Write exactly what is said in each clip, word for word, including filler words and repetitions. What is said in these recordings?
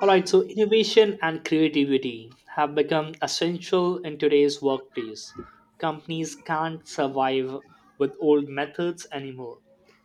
All right, so innovation and creativity have become essential in today's workplace. Companies can't survive with old methods anymore.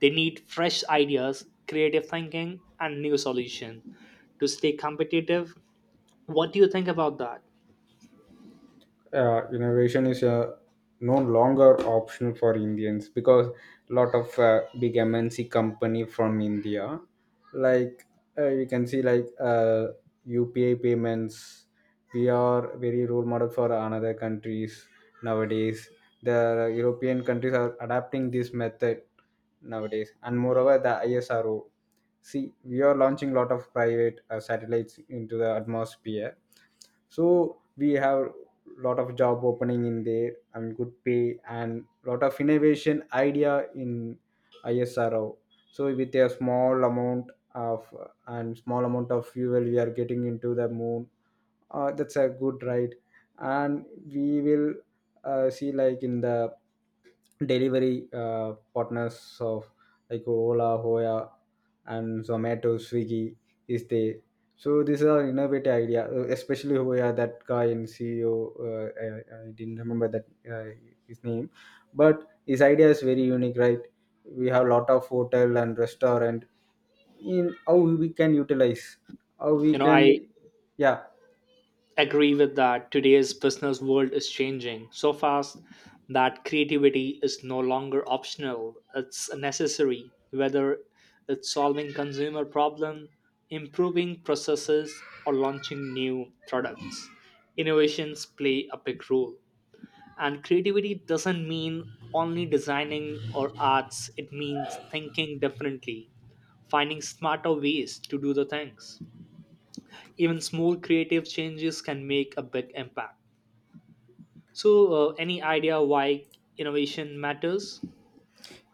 They need fresh ideas, creative thinking, and new solutions to stay competitive. What do you think about that? Uh, innovation is uh, no longer optional for Indians because a lot of uh, big M N C company from India, like uh, you can see like uh, U P I payments. We are very role model for another countries nowadays. The European countries are adapting this method nowadays, and moreover the ISRO. See, we are launching a lot of private uh, satellites into the atmosphere, so we have lot of job opening in there, and good pay, and lot of innovation idea in ISRO. So with a small amount of and small amount of fuel, we are getting into the moon. Uh, that's a good ride, and we will uh, see like in the delivery uh, partners of like Ola, Hoya, and Zomato, Swiggy is there. So these are innovative idea, uh, especially Hoya, that guy in C E O. Uh, I, I didn't remember that uh, his name, but his idea is very unique, right? We have lot of hotel and restaurant in how we can utilize, how You we know, I can, yeah, agree with that. Today's business world is changing so fast that creativity is no longer optional, it's necessary. Whether it's solving consumer problem, improving processes, or launching new products, innovations play a big role. And creativity doesn't mean only designing or arts, it means thinking differently, finding smarter ways to do the things. Even small creative changes can make a big impact. So, uh, any idea why innovation matters?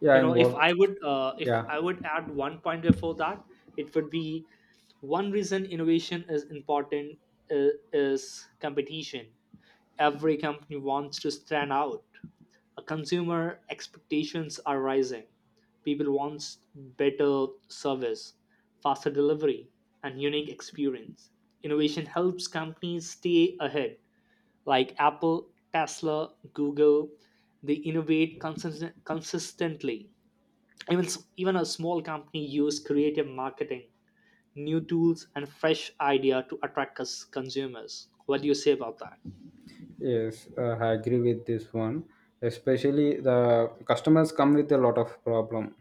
yeah, you know and if i work, would uh, If yeah. I would add one point before that, it would be one reason innovation is important, uh, is competition. Every company wants to stand out. Uh, consumer expectations are rising. People wants better service, faster delivery, and unique experience. Innovation helps companies stay ahead, like Apple, Tesla, Google. They innovate consist- consistently. Even s- even a small company use creative marketing, new tools, and fresh idea to attract cus- consumers. What do you say about that? Yes, uh, I agree with this one. Especially the customers come with a lot of problem.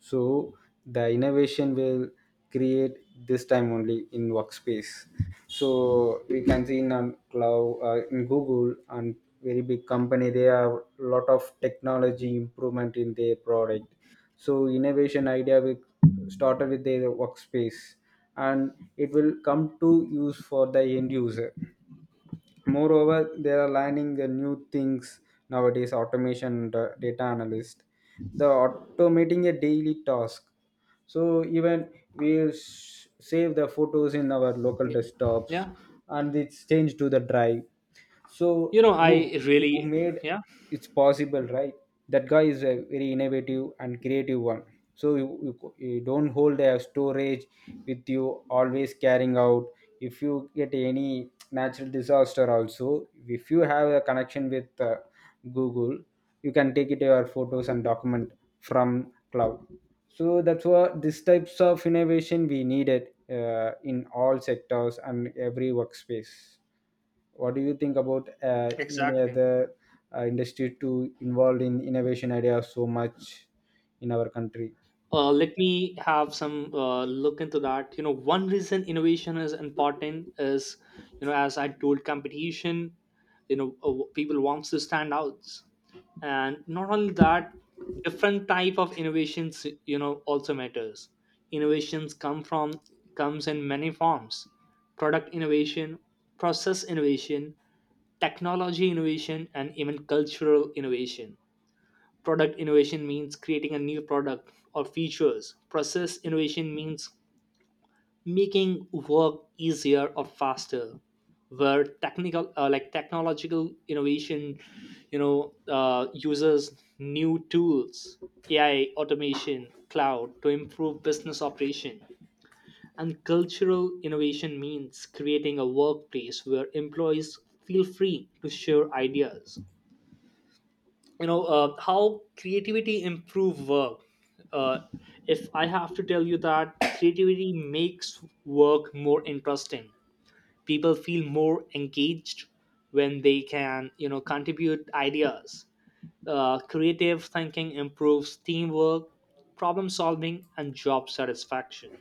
So the innovation will create this time only in workspace. So we can see in um, cloud, uh, in Google and very big company, they have lot of technology improvement in their product. So innovation idea will started with their workspace, and it will come to use for the end user. Moreover they are learning the new things nowadays: automation, da- data analyst, the automating a daily task. So even we sh- save the photos in our local Y- desktops, yeah. and it's changed to the drive. So You know, I who who really. made Yeah. it's possible, right? That guy is a very innovative and creative one. So you, you, you don't hold a storage with you, always carrying out. If you get any natural disaster also, if you have a connection with uh, Google, you can take it your photos and document from cloud. So that's what these types of innovation we needed uh, in all sectors and every workspace. What do you think about uh, any Exactly. other uh, industry to involved in innovation ideas so much in our country? Uh, let me have some uh, look into that. You know one reason innovation is important is, you know as I told, competition. You know uh, people wants to stand out, and not only that, different type of innovations, you know also matters. Innovations come from, comes in many forms: product innovation, process innovation, technology innovation, and even cultural innovation. Product innovation means creating a new product or features. Process innovation means making work easier or faster. Where technical, uh, like technological innovation, you know, uh, uses new tools, A I, automation, cloud to improve business operation. And cultural innovation means creating a workplace where employees feel free to share ideas. You know uh, how creativity improve work? Uh, if I have to tell you that creativity makes work more interesting, people feel more engaged when they can you know contribute ideas. Uh, creative thinking improves teamwork, problem solving, and job satisfaction.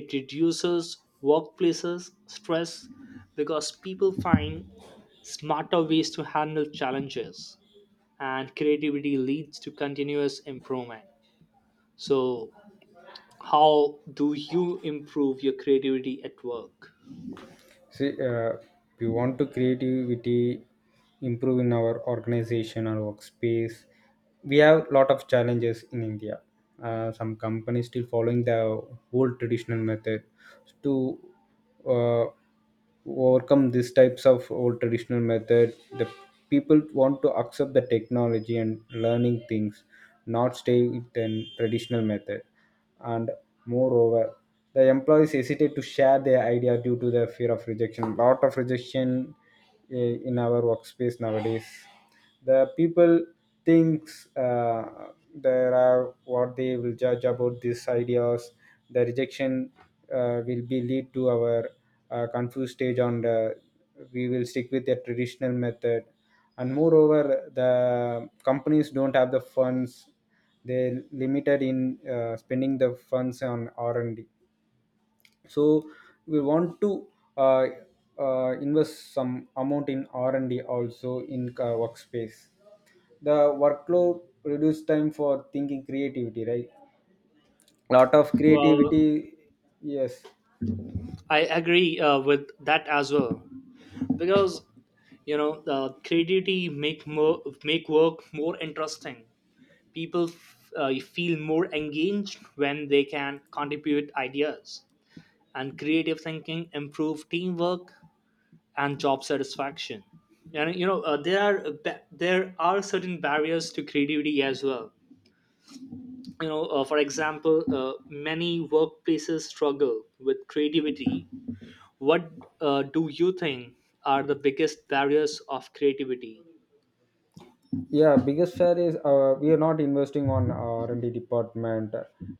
It reduces workplaces stress because people find smarter ways to handle challenges, and creativity leads to continuous improvement. So, how do you improve your creativity at work? See, uh, we want to creativity improve in our organization or workspace. We have lot of challenges in India. Uh, some companies still following the old traditional method to uh, overcome these types of old traditional method. The people want to accept the technology and learning things, not stay with the traditional method, and moreover the employees hesitate to share their idea due to the fear of rejection, lot of rejection uh, in our workspace nowadays. The people thinks uh, there are what they will judge about these ideas. The rejection uh, will be lead to our uh, confused stage, on the we will stick with the traditional method. And moreover the companies don't have the funds, they limited in uh, spending the funds on r&d. So we want to uh, uh, invest some amount in r&d, also in uh, workspace the workload, reduce time for thinking creativity, right? Lot of Well, creativity, yes. I agree uh, with that as well, because you know uh, creativity make more make work more interesting. People f- uh, feel more engaged when they can contribute ideas, and creative thinking improve teamwork and job satisfaction. And you know uh, there are uh, ba- there are certain barriers to creativity as well. You know uh, for example, uh, many workplaces struggle with creativity. What uh, do you think are the biggest barriers of creativity? Yeah, biggest share is uh, we are not investing on r&d department.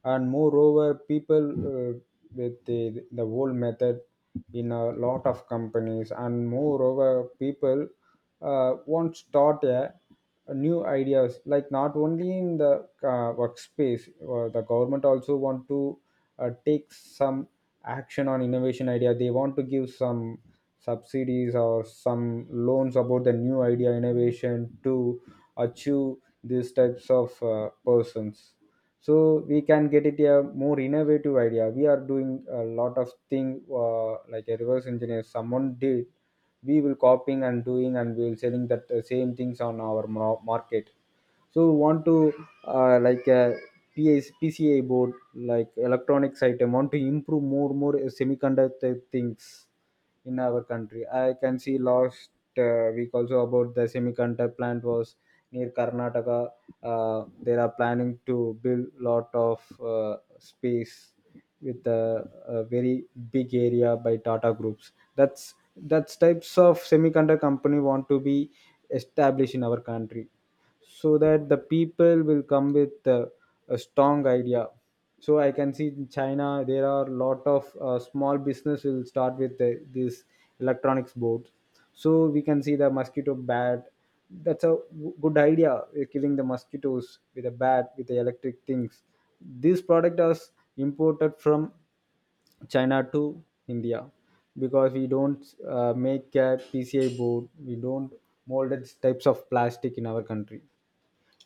And moreover people uh, with the, the old method in a lot of companies. And moreover people uh, want start a, a new ideas, like not only in the uh, workspace, uh, the government also want to uh, take some action on innovation idea. They want to give some subsidies or some loans about the new idea innovation to achieve these types of uh, persons. So we can get it a more innovative idea. We are doing a lot of thing, uh, like a reverse engineer someone did, we will copying and doing, and we will selling that uh, same things on our mar- market. So want to uh, like a P As, pca board, like electronics item, want to improve more, more semiconductor things in our country. I can see last uh, week also about the semiconductor plant was near Karnataka. Uh, they are planning to build lot of uh, space with a, a very big area by Tata Groups. That's that's types of semiconductor company want to be established in our country, so that the people will come with uh, a strong idea. So I can see in China there are a lot of uh, small business will start with uh, this electronics board. So we can see the mosquito bat. That's a w- good idea, uh, killing the mosquitoes with a bat with the electric things. This product is imported from China to India because we don't uh, make a pci board, we don't mold it types of plastic in our country.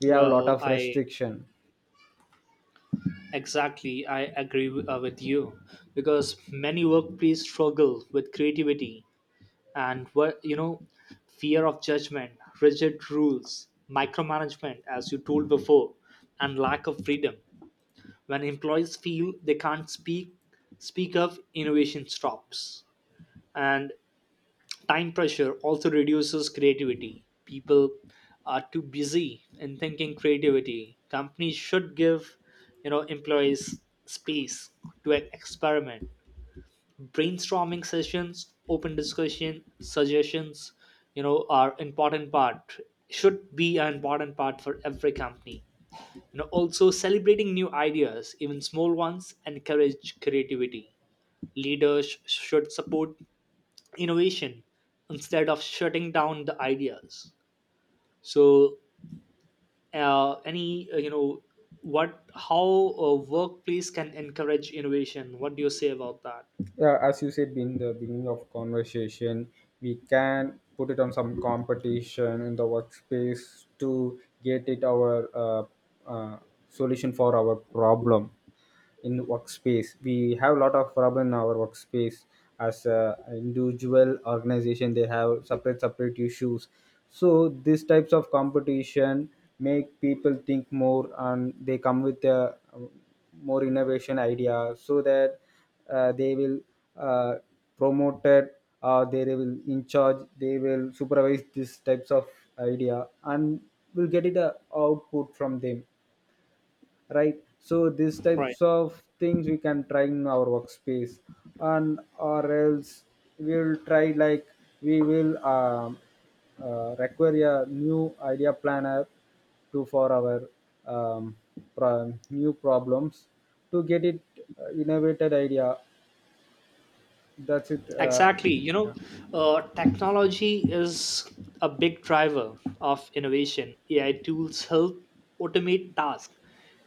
We have a lot well of i restriction. exactly, I agree w- uh, with you, because many workplaces struggle with creativity. And what, you know fear of judgment, rigid rules, micromanagement, as you told before, and lack of freedom. When employees feel they can't speak speak of, innovation stops. And time pressure also reduces creativity. People are too busy in thinking creativity. Companies should give, you know employees space to experiment. Brainstorming sessions, open discussion, suggestions, you know are important part, should be an important part for every company. You know also, celebrating new ideas, even small ones, encourage creativity. Leaders should support innovation instead of shutting down the ideas. So, uh, any, uh, you know what, how a workplace can encourage innovation? What do you say about that? Yeah, as you said in the beginning of conversation, we can put it on some competition in the workspace to get it our uh, uh, solution for our problem. In workspace we have a lot of problem in our workspace. As a individual organization they have separate separate issues. So these types of competition make people think more, and they come with a um, more innovation idea, so that uh, they will uh, promote it, or they will in charge, they will supervise these types of idea, and will get it a output from them, right? So these Right. types of things we can try in our workspace. And or else we'll try like, we will um, uh, require a new idea planner to for our um, pro- new problems to get it uh, innovated idea. That's it. uh, Exactly. You know, Yeah. uh, technology is a big driver of innovation. A I tools help automate tasks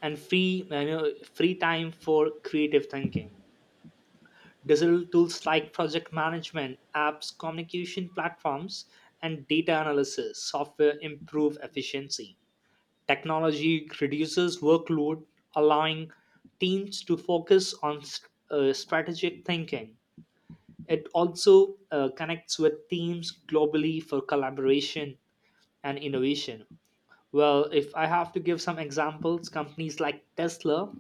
and free you know, free time for creative thinking. Digital tools like project management, apps, communication platforms, and data analysis software improve efficiency. Technology reduces workload, allowing teams to focus on s- uh, strategic thinking. It also uh, connects with teams globally for collaboration and innovation. Well, if I have to give some examples, companies like Tesla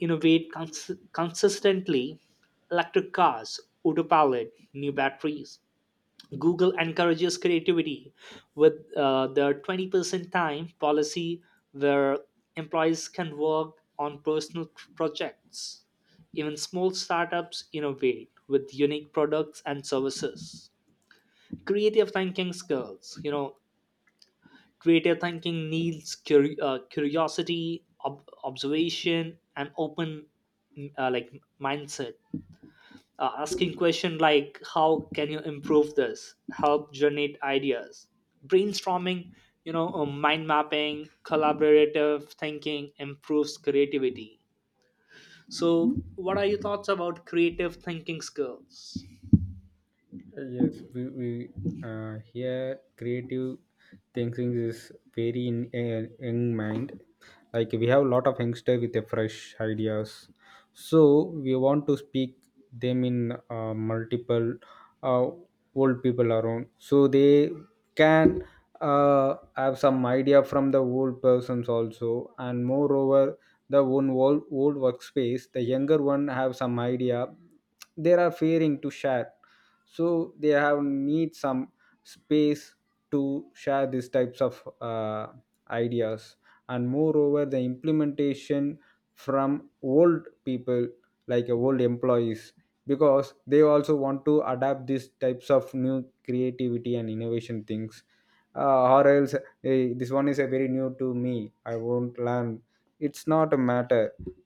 innovate cons- consistently. Electric cars, autopilot, new batteries. Google encourages creativity with uh, their twenty percent time policy, where employees can work on personal tr- projects. Even small startups innovate with unique products and services. Creative thinking skills, you know, creative thinking needs cur uh, curiosity, ob- observation, and open mm, uh, like mindset. Uh, asking question like how can you improve this help generate ideas. Brainstorming, you know uh, mind mapping, collaborative thinking improves creativity. So what are your thoughts about creative thinking skills? Yes, we, we uh, here creative thinking is very in uh, young mind. Like we have a lot of youngster with the fresh ideas, so we want to speak them in uh, multiple uh, old people around, so they can uh, have some idea from the old persons also. And moreover, the one old old workspace, the younger one have some idea. They are fearing to share, so they have need some space to share these types of uh, ideas. And moreover the implementation from old people, like uh, old employees, because they also want to adapt these types of new creativity and innovation things. Uh, or else, "Hey, this one is a very new to me, I won't learn, it's not a matter,"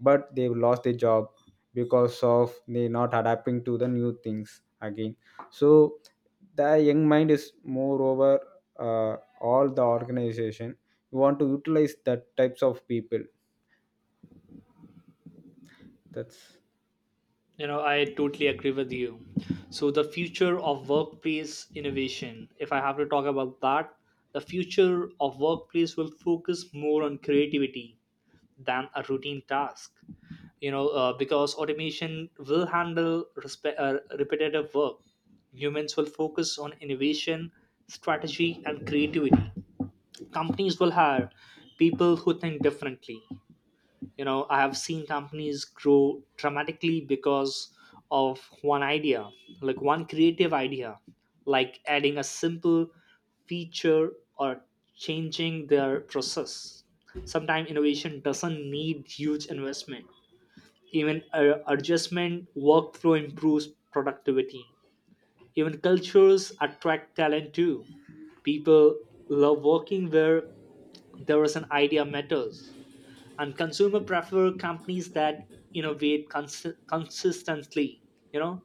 but they've lost their job because of they not adapting to the new things again. So the young mind is moreover uh, all the organization, you want to utilize that types of people. That's… You know, I totally agree with you. So, the future of workplace innovation, if I have to talk about that, the future of workplace will focus more on creativity than a routine task. You know, uh, because automation will handle respe- uh, repetitive work. Humans will focus on innovation, strategy, and creativity. Companies will hire people who think differently. You know i have seen companies grow dramatically because of one idea, like one creative idea, like adding a simple feature or changing their process. Sometimes innovation doesn't need huge investment. Even uh, adjustment workflow improves productivity. Even cultures attract talent too. People love working where there is an idea matters, and consumer prefer companies that innovate cons- consistently. You know,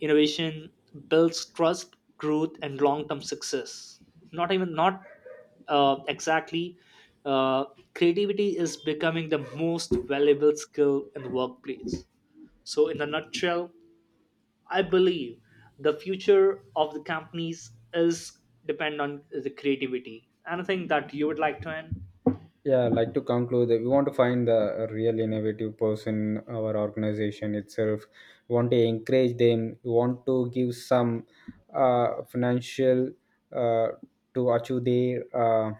innovation builds trust, growth, and long-term success. Not even not, uh, exactly, uh, creativity is becoming the most valuable skill in the workplace. So, in a nutshell, I believe the future of the companies is depend on the creativity. Anything that you would like to end? Yeah, like to conclude, that we want to find the real innovative person our organization itself. We want to encourage them, we want to give some uh, financial uh, to achieve their uh,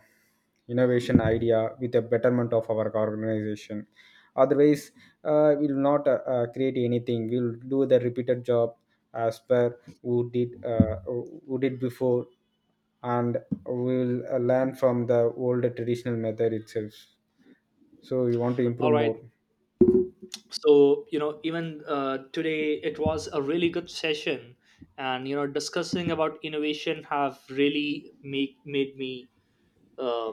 innovation idea with the betterment of our organization. Otherwise, uh, we will not uh, uh, create anything. We will do the repeated job as per who did, uh, who who did before, and we will uh, learn from the old traditional method itself. So we want to All improve right. more. So, you know even uh, today it was a really good session, and you know discussing about innovation have really make made me uh,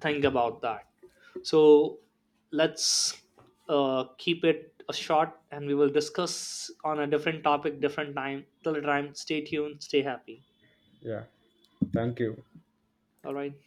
think about that. So, let's uh, keep it uh, short, and we will discuss on a different topic different time. Till the time, stay tuned, stay happy. Yeah, thank you. All right.